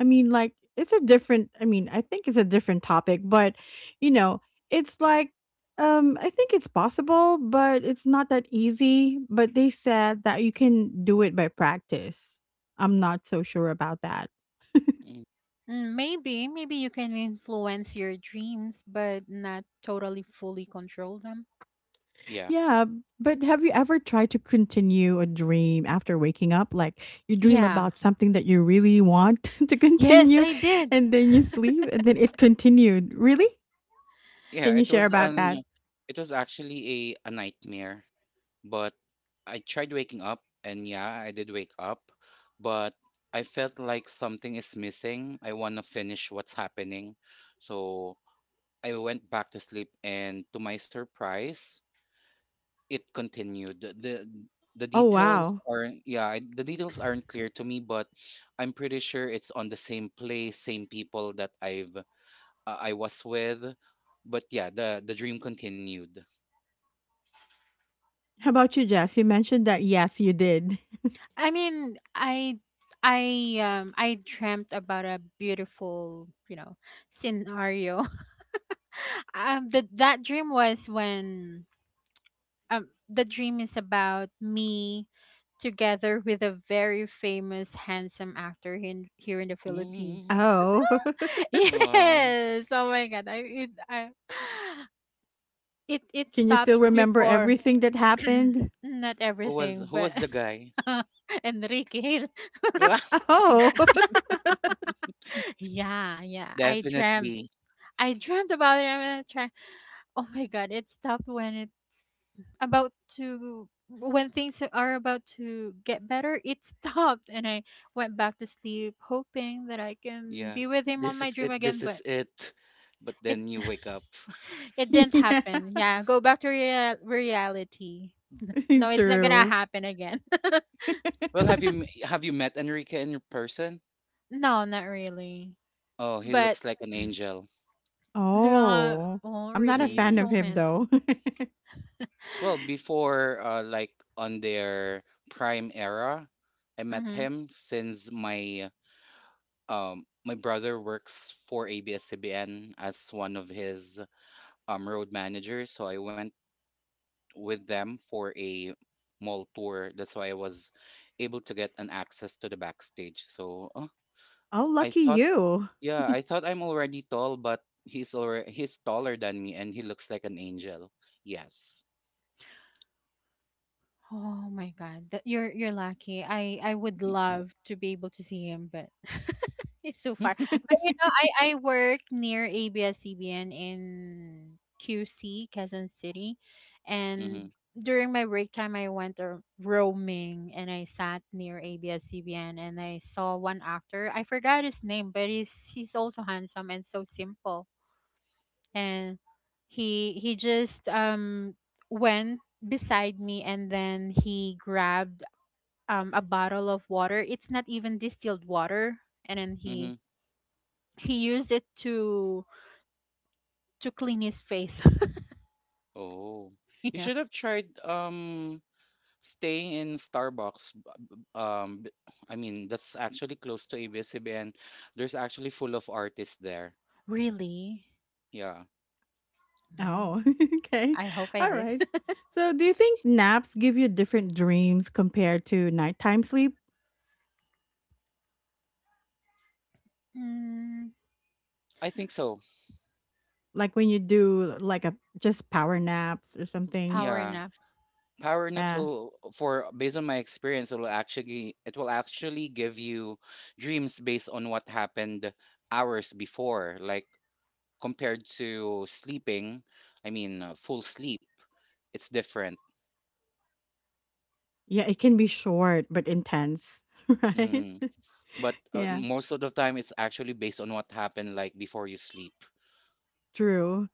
I mean, I think it's a different topic, but you know, it's like I think it's possible, but it's not that easy, but they said that you can do it by practice. I'm not so sure about that.
Mm,
Maybe you can influence your dreams, but not totally fully control them.
yeah.
Yeah, but have you ever tried to continue a dream after waking up? Like you dream
Yeah.
about something that you really want to
Yes,
continue
I did.
and then you sleep and then it continued. Really?
Yeah,
Can you
it
share
was
about that?
an it was actually a nightmare, but I tried waking up and yeah, I did wake up, but I felt like something is missing. I want to finish what's happening. So I went back to sleep and to my surprise, it continued. The
Oh,
details
wow.
are not yeah, the details aren't clear to me, but I'm pretty sure it's on the same place, same people that I was with. But yeah, the dream continued.
How about you, Jess? You mentioned that yes, you did.
I mean, I dreamt about a beautiful scenario the, that dream was when the dream is about me together with a very famous handsome actor here in the Philippines.
Mm,
Oh.
wow.
Yes. Oh my god. I, it
Can you
stopped
still remember
before,
everything that happened?
not everything
Who
but
was the guy?
Enrique.
Wow.
Oh.
Yeah, yeah.
Definitely.
I dreamt about it. I'm gonna try. Oh my god, it stopped when it's about to when things are about to get better, it stopped and I went back to sleep hoping that I can
Yeah.
be with him on
This
my
is
dream
it.
again,
This is
but
it. But
it
then you wake up.
it didn't
Yeah.
happen. Yeah, go back to reality.
Mm.
No, it's not gonna
True.
happen again.
Well, have you met Enrique in person?
No, not really.
Oh, he
But
looks like an angel.
yeah,
Oh.
oh,
I'm not a
really,
fan
Mm-hmm.
of
so
him
handsome.
though.
Well, before like on their prime era, I met
Mhm.
him since my brother works for ABS-CBN as one of his road managers, so I went with them for a mall tour. That's why I was able to get an access to the backstage. So
Oh,
I
lucky
thought,
you.
yeah, I thought I'm already tall, but he's taller than me, and he looks like an angel. Yes.
Oh my God, that you're lucky. I would love to be able to see him, but it's so far. But you know, I I work near ABS-CBN in QC, Quezon City, and
hmm,
during my break time, I went roaming and I sat near ABS-CBN and I saw one actor. I forgot his name, but he's also handsome and so simple, and he just went beside me and then he grabbed a bottle of water. It's not even distilled water, and then he
hmm.
he used it to clean his face.
Oh, you
Yeah,
should have tried staying in Starbucks. B- Um, b- I mean that's actually close to abs and there's actually full of artists there.
really.
Yeah,
Mm,
Oh, okay.
I hope I
All
did.
right. So, do you think naps give you different dreams compared to nighttime sleep?
Mm,
I think so.
Like when you do like a just power naps or something?
power
Yeah,
nap.
power naps
Yeah.
will for Based on my experience, it will actually give you dreams based on what happened hours before, like compared to sleeping. I mean, full sleep. It's different.
Yeah, it can be short but intense, right?
Mm-hmm. But
Yeah,
most of the time it's actually based on what happened like before you sleep.
true.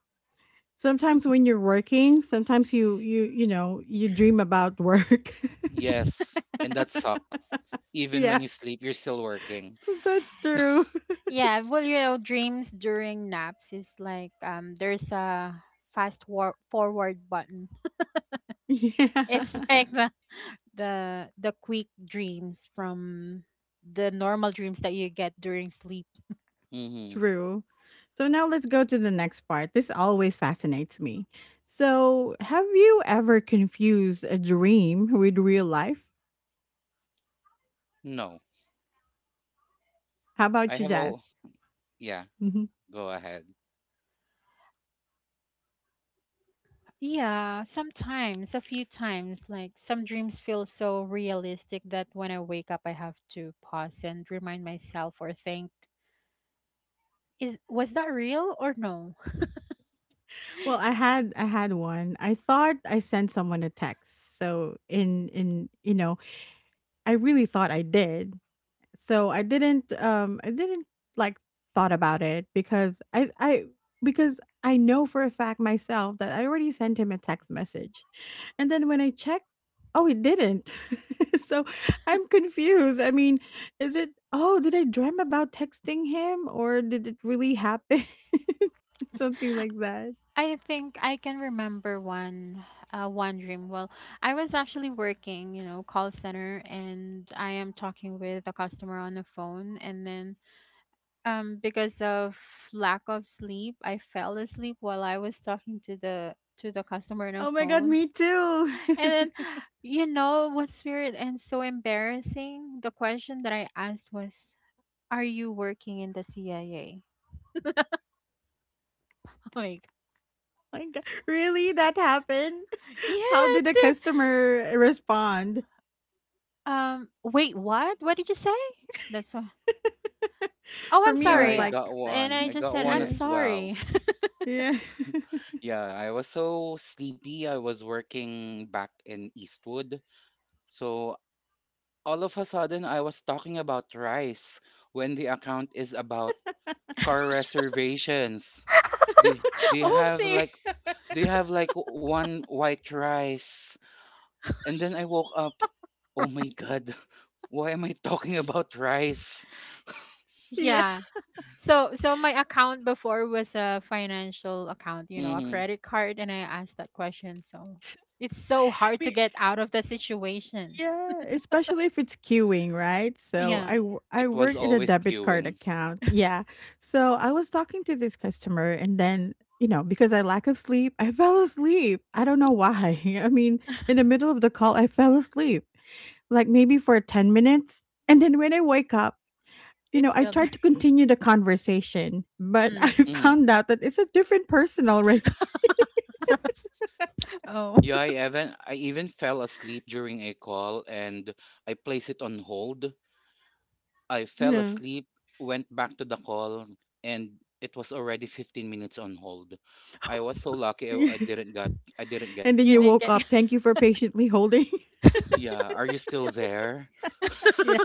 Sometimes when you're working, sometimes you know, you dream about work.
Yes, and that sucks. Even when
Yeah.
you sleep you're still working.
That's true.
Yeah. Well, dreams during naps is like, there's a fast forward button. It's
Yeah.
like the quick dreams from the normal dreams that you get during sleep.
Mm-hmm.
True. So now let's go to the next part. This always fascinates me. So, have you ever confused a dream with real life?
No,
How about
I
you,
have all,
Jazz?
yeah,
Mhm.
go ahead.
Yeah, sometimes a few times, like some dreams feel so realistic that when I wake up I have to pause and remind myself or think, is was that real or no.
Well, I had one. I thought I sent someone a text. So in you know, I really thought I did. So I didn't, like, thought about it because I because I know for a fact myself that I already sent him a text message. And then when I checked, oh, it didn't. So I'm confused. I mean, is it, oh, did I dream about texting him or did it really happen? Something like that.
I think I can remember one one dream. Well, I was actually working, call center, and I am talking with a customer on the phone and then, because of lack of sleep, I fell asleep while I was talking to the customer on the
Oh my god,
phone.
me too.
And then, you know what's weird and so embarrassing? The question that I asked was, "Are you working in the CIA?" Like,
My god, really that happened?
yeah,
How
I
did the
did.
customer respond?
Wait, what? What did you say? That's why. Oh,
For
I'm
me it
Yeah,
was
sorry.
I
like,
got
And
one,
I
I
just
got
said,
one
"I'm
yeah,
as well.
sorry."
yeah.
Yeah, I was so sleepy, I was working back in Eastwood, so all of a sudden I was talking about rice when the account is about car reservations. they they
Oh,
have
see.
like, do you have like one white rice? And then I woke up. Oh my god. Why am I talking about rice?
Yeah.
Yeah. So my account before was a financial account, a
Hmm.
credit card, and I asked that question. So it's so hard to
Me,
get out of that situation.
yeah, especially if it's queuing, right? So
Yeah,
I
It was
work in a
always
debit card
queuing.
account. Yeah. So I was talking to this customer and then, you know, because I lack of sleep, I fell asleep. I don't know why. I mean, in the middle of the call, I fell asleep, like maybe for 10 minutes. And then when I wake up, you
it's
know, I
still there.
tried to continue the conversation, but I
Mm.
Hmm.
found out that it's a different person already.
Oh.
Yeah, I even fell asleep during a call and I placed it on hold. I fell
Yeah.
asleep, went back to the call, and it was already 15 minutes on hold. I was so lucky I didn't got I didn't get
And then
You
you
caught.
didn't
woke
get it.
up. Thank you for patiently holding.
Yeah, are you still there?
Yeah.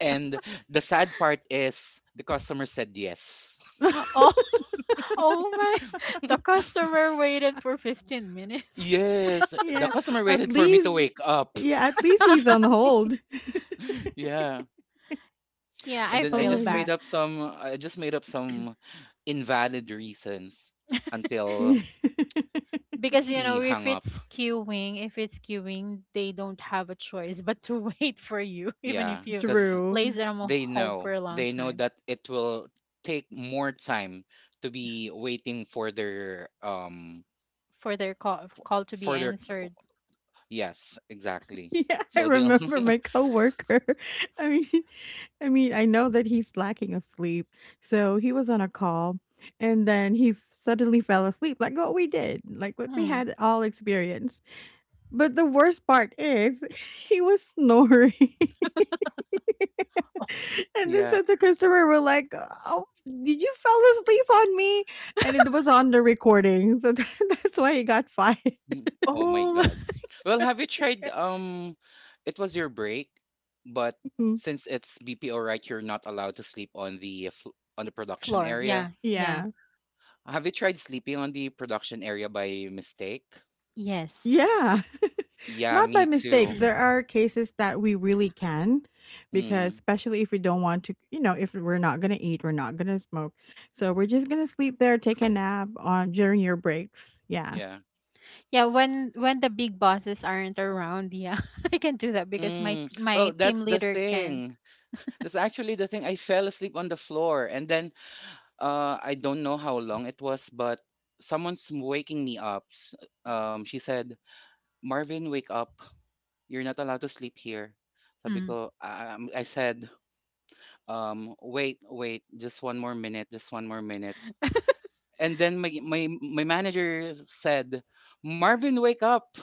And the sad part is the customer said yes.
Oh, oh my. The customer waited for 15 minutes.
Yes, the
Yeah.
customer
At
waited for me to
least,
wake up.
yeah, at least he's on hold.
Yeah.
Yeah,
And
I
then
Oh
feel
my
bad
I just made up some invalid reasons until
god.
because
he hung
if
up.
it's queuing, they don't have a choice but to wait for you even
Yeah,
if you
cuz
place
True.
them on
they
hold for
know.
a long
They know
time.
that it will take more time to be waiting
For their call to be
for their
answered.
yes, exactly.
Yeah, I
So they'll
remember my coworker. I mean, I mean, I know that he's lacking of sleep. So he was on a call and then suddenly fell asleep like what we did, like what we
Hmm.
had all experienced. But the worst part is he was snoring. And then
yeah.
so the customer were like, "Oh, did you fell asleep on me?" And it was on the recording, so that's why he got fired.
Mm. Oh my
Oh.
god. Well, have you tried it was your break, but
Mhm.
since it's BPO right, you're not allowed to sleep on on the production
Floor.
area.
Yeah. Yeah.
Yeah,
Have you tried sleeping on the production area by mistake?
Yes.
yeah,
Yeah,
not by
me
mistake.
too.
There are cases that we really can, because
Mm,
especially if we don't want to, you know, if we're not gonna eat, we're not gonna smoke, so we're just gonna sleep there, take a nap on during your breaks. Yeah.
yeah.
Yeah, when the big bosses aren't around, yeah, I can do that because my
Mm. Well,
my team
that's the
leader can.
thing. That's actually the thing. I fell asleep on the floor and then I don't know how long it was, but someone's waking me up. She said, "Marvin, wake up. You're not allowed to sleep here." Sabi
Mm.
ko, "Ah, I said, wait, wait, just one more minute, just one more minute." And then my manager said, "Marvin, wake up!"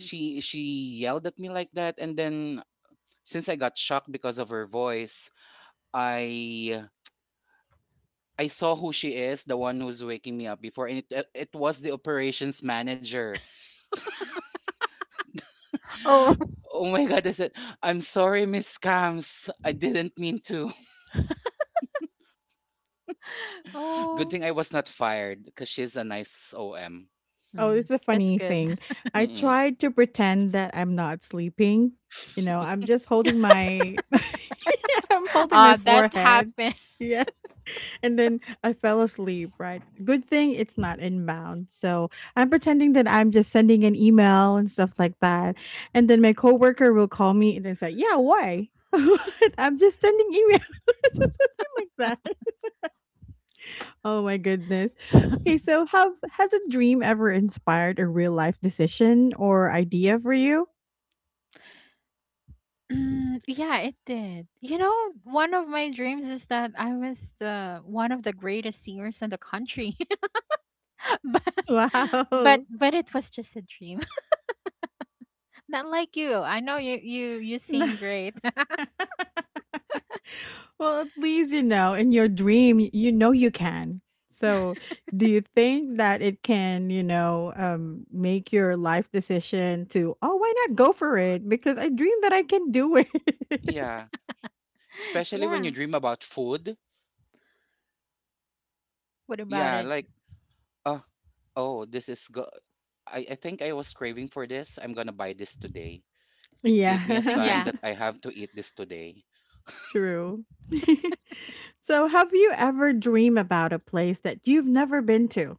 She yelled at me like that, and then since I got shocked because of her voice, I I saw who she is, the one who's waking me up before, and it was the operations manager.
Oh.
Oh my god, I said, I'm sorry, Miss Cams. I didn't mean to. Good
Oh,
thing I was not fired because she's a nice OM.
Oh,
mm,
it's a
that's
funny
good.
thing. I
Mm-mm.
tried to pretend that I'm not sleeping. You know, I'm just holding my I'm holding my
That
forehead.
happened.
Yeah. And then I fell asleep, right? Good thing it's not inbound. So I'm pretending that I'm just sending an email and stuff like that. And then my coworker will call me and then say, yeah, why? I'm just sending email. just Something like that. Oh my goodness. Okay, so have, has a dream ever inspired a real life decision or idea for you?
Mm, yeah, it did. You know, one of my dreams is that I was the one of the greatest singers in the country, but but
Wow.
but it was just a dream. Not like you. I know you sing great.
Well, at least you know in your dream you know you can. So, do you think that it can, you know, make your life decision to, "Oh, why not go for it because I dream that I can do it."
Yeah, especially when you
Yeah.
dream about food.
What about
Yeah,
it?
like oh, oh, this is go. I think I was craving for this. I'm gonna buy this today. It
Yeah.
gave me a sign
Yeah.
that I have to eat this today.
True. So, have you ever dream about a place that you've never been to?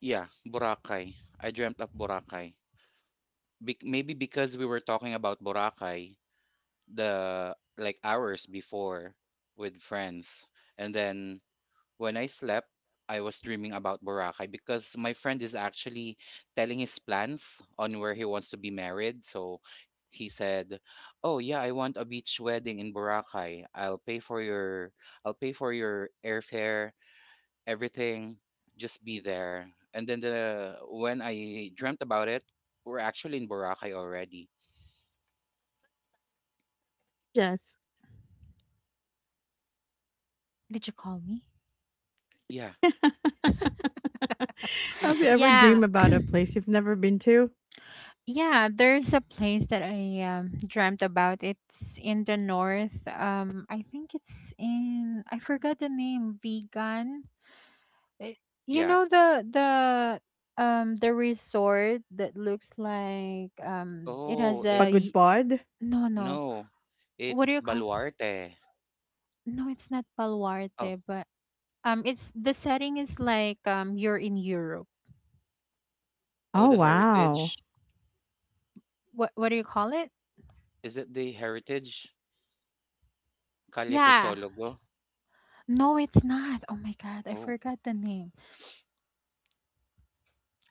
Yeah, Boracay. I dreamt of Boracay. Maybe because we were talking about Boracay, the like hours before with friends. And then when I slept, I was dreaming about Boracay because my friend is actually telling his plans on where he wants to be married. So he said, "Oh yeah, I want a beach wedding in Boracay. I'll pay for your airfare, everything. Just be there." And then the when I dreamt about it, we're actually in Boracay already.
Yes.
Did you call me?
Yeah.
Have you ever
Yeah.
dreamed about a place you've never been to?
Yeah, there's a place that I dreamt about. It's in the north. I think it's in, I forgot the name. Vegan. Eh, you
Yeah.
know the resort that looks like, it has
Oh,
a
Pagod
it's
Pod?
no, no.
no,
What do
it's
you call?
Baluarte.
No, it's not
Oh,
Baluarte, but it's the setting is like, you're in Europe.
oh,
Oh,
the Heritage.
wow.
What do you call it?
Is it the Heritage? Calle
Yeah.
Crisologo?
No, it's not. Oh my God, I
Oh,
forgot the name.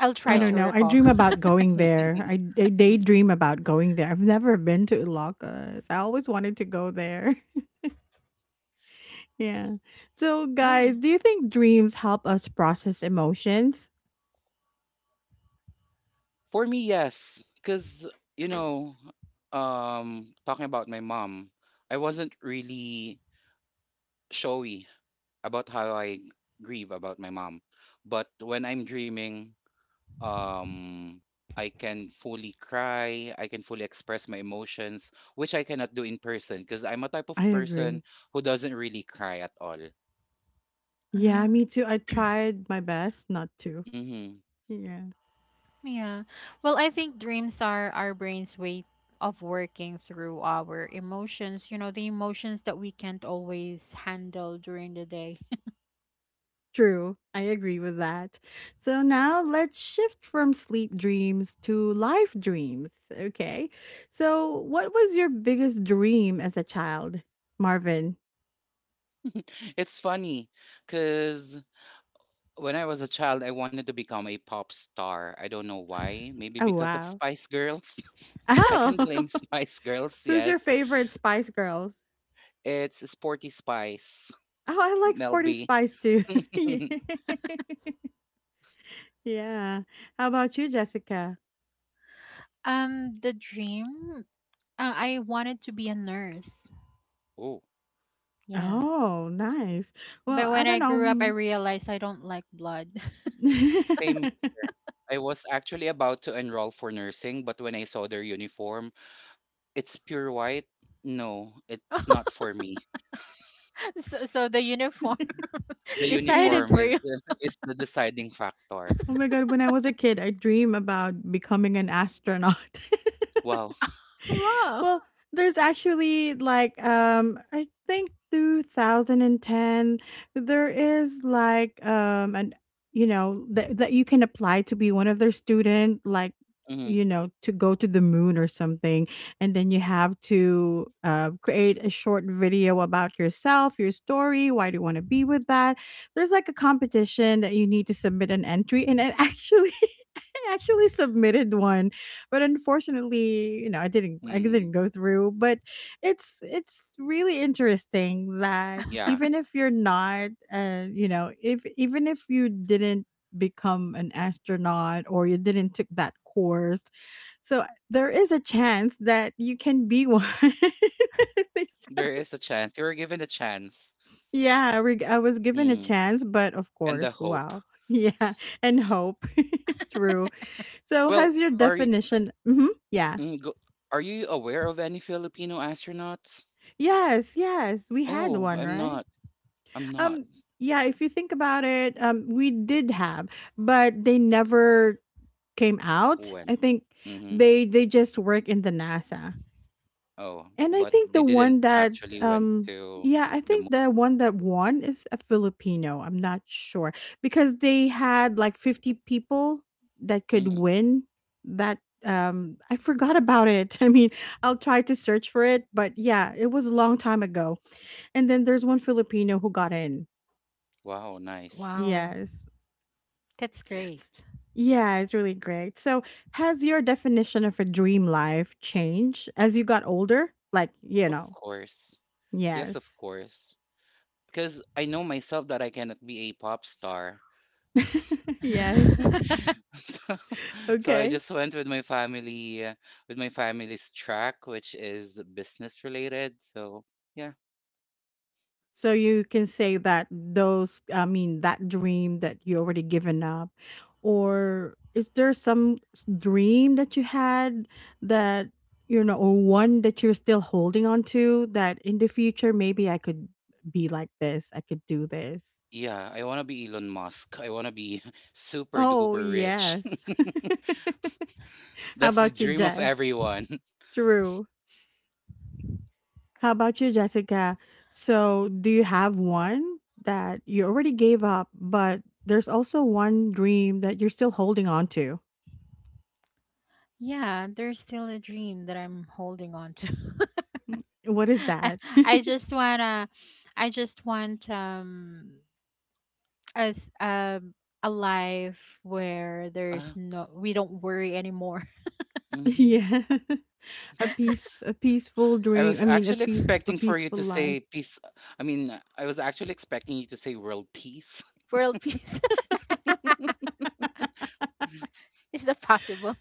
I'll
I
try
don't
to
well,
know. I
recall.
dream about going there. I daydream about going there. I've never been to Ilocos. I always wanted to go there. Yeah. So, guys,
Yeah.
do you think dreams help us process emotions?
for me, yes, because you know, talking about my mom, I wasn't really showy about how I grieve about my mom, but when I'm dreaming, um I can fully cry, I can fully express my emotions, which I cannot do in person because I'm a type of
I
person
agree.
who doesn't really cry at all.
Yeah,
Mm,
me too. I tried my best not to.
Hmm.
Yeah.
yeah. Well, I think dreams are our brain's way of working through our emotions, the emotions that we can't always handle during the day.
True, I agree with that. So now let's shift from sleep dreams to life dreams. Okay. So, what was your biggest dream as a child, Marvin?
it's funny because when I was a child, I wanted to become a pop star. I don't know why. Maybe
Oh,
because of
wow.
Spice Girls. I can
Oh,
blame Spice Girls,
who's your
yes.
favorite Spice Girls?
It's Sporty Spice,
Oh, I like
Mel
Sporty
B.
Spice too. Yeah. Yeah. How about you, Jessica?
The dream, I wanted to be a nurse.
oh,
Yeah.
Oh, nice. Well,
But
I
when
don't
I grew up, I
know.
realized I don't like blood.
same. I was actually about to enroll for nursing, but when I saw their uniform, it's pure white. No, it's not for me.
So, the uniform
The
Yeah.
decided
uniform
for
is
you.
is the deciding factor.
Oh my god, when I was a kid, I dream about becoming an astronaut.
Wow.
Wow.
Well, there's actually like I think 2010 there is like an you know that you can apply to be one of their student like
Hmm,
you know to go to the moon or something. And then you have to create a short video about yourself, your story, why do you want to be with that. There's like a competition that you need to submit an entry, and it actually, I actually submitted one, but unfortunately, you know, I didn't I
hmm.
didn't go through, but it's really interesting that
Yeah,
even if you're not you know, if even if you didn't become an astronaut or you didn't took that course, so there is a chance that you can be one.
there is a chance. You were given a chance,
Yeah, I was given a
mm.
chance, but of
And the
course,
hope.
wow. Yeah, and hope. True. So
Well,
has your
are y-
definition. Mhm. Yeah.
mm, go, are you aware of any Filipino astronauts?
Yes, yes. We had
Oh,
one,
I'm
right?
not. I'm not.
Um yeah, if you think about it, we did have, but they never came out.
Went.
I think
Hmm.
they just work in the NASA.
Oh,
And I
but
think
they
the
didn't
one that
actually went
um,
to
yeah, I
the
think the one that won is a Filipino. I'm not sure because they had like 50 people that
moon.
could win, that I forgot about it. I mean, I'll try to search for it, but yeah, it was a long time ago. And then there's one Filipino who got in.
Wow, nice.
Wow,
Yes.
that's great.
S- Yeah, it's really great. So, has your definition of a dream life changed as you got older? Like, you
Of
know.
course. Yes, of
Yes.
course. Because I know myself that I cannot be a pop star.
Yes.
So, so I
Okay.
just went with my family, with my family's track, which is business related. So, yeah.
So you can say that those, I mean, that dream that you already given up, or is there some dream that you had that, you know, or one that you're still holding on to that in the future maybe I could be like this, I could do this.
Yeah, I want to be Elon Musk. I want to be super
Oh
duper rich.
yes. How
That's the
about you,
dream of
Jess?
everyone.
True. How about you, Jessica? So, do you have one that you already gave up, but there's also one dream that you're still holding on to?
Yeah, there's still a dream that I'm holding on to.
What is
I,
that?
I just wanna, I just want as a life where
Uh,
there's no we don't worry anymore.
mhm.
Yeah, a peace, a peaceful
I
dream.
was
I mean, a
actually
peace, a
expecting for you
peaceful
to
life.
say peace. I mean, I was actually expecting you to say world peace.
World peace. Is that possible?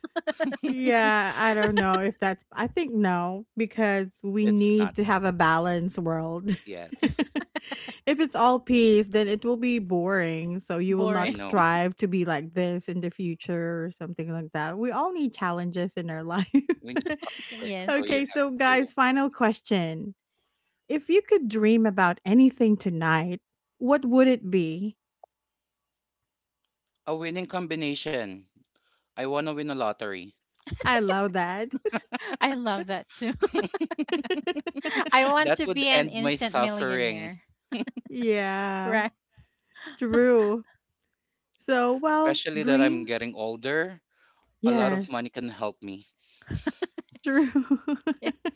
Yeah, I don't know if that's, I think no, because we
It's not.
need to have a balanced world.
Yes,
If it's all peace, then it will be boring. So you will
I
not
Boring.
know.
strive to be like this in the future or something like that. We all need challenges in our life.
When you click,
Yes.
so you
Okay,
have
so
to.
guys, final question. If you could dream about anything tonight, what would it be?
A winning combination. I want to win a lottery.
I love that.
I love that too. I want
That
to
would
be an
end my
instant
suffering,
millionaire.
Yeah,
Right.
true. So, well,
especially that I'm
dreams.
getting older. A lot of
Yes,
money can help me.
true.
Yes.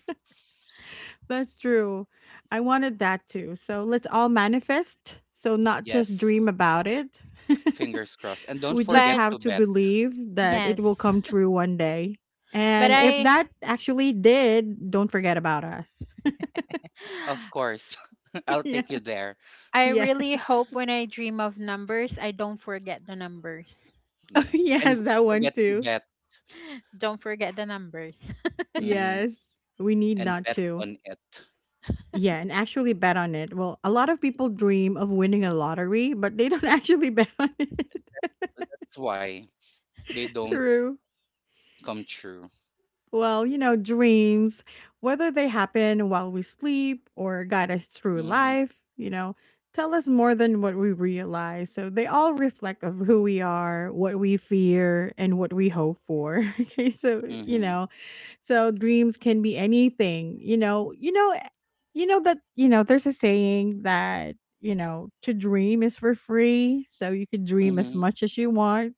That's true. I wanted that too. So let's all manifest. So not just
Yes,
dream about it.
fingers crossed. And don't
We just
forget
But
to
have to
bet.
believe that it
yes.
will come true one day.
But
And
Yeah,
if
I
that actually did, don't forget about us.
of course. I'll
Yeah.
take you there.
I
Yeah.
really hope when I dream of numbers, I don't forget the numbers.
Yeah. And
Yes, that
don't
one
forget to
too.
bet.
Don't forget the numbers.
Hmm.
Yes. We need
And
not
bet
to.
on it.
Yeah, and actually bet on it. Well, a lot of people dream of winning a lottery, but they don't actually bet on it.
That's why they don't
True.
come true.
Well, you know, dreams, whether they happen while we sleep or guide us through
Mm-hmm.
life, you know, tell us more than what we realize. So they all reflect of who we are, what we fear, and what we hope for. Okay, so you
Mm-hmm.
know, so dreams can be anything. You know, eh, you know that you know. There's a saying that you know to dream is for free, so you can dream as
Mm-hmm.
much as you want.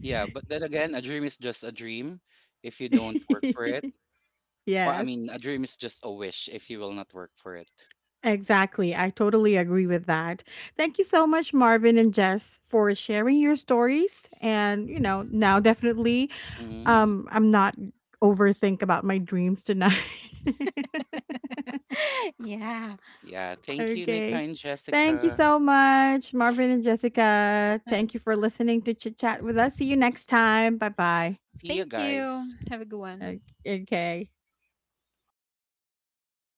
Yeah, but then again, a dream is just a dream if you don't work for it. Or I
Yes.
mean, a dream is just a wish if you will not work for it.
Exactly. I totally agree with that. Thank you so much, Marvin and Jess, for sharing your stories. And, you know, now definitely
Mm,
I'm not overthink about my dreams tonight.
Yeah.
yeah, thank you, Nika
Okay.
and
Thank you
Jessica.
so much, Marvin and Jessica.
Uh,
Thank you for listening to Chit Chat with us. See you next time. Bye bye.
See you
Thank
guys.
you. Have a good one.
Okay.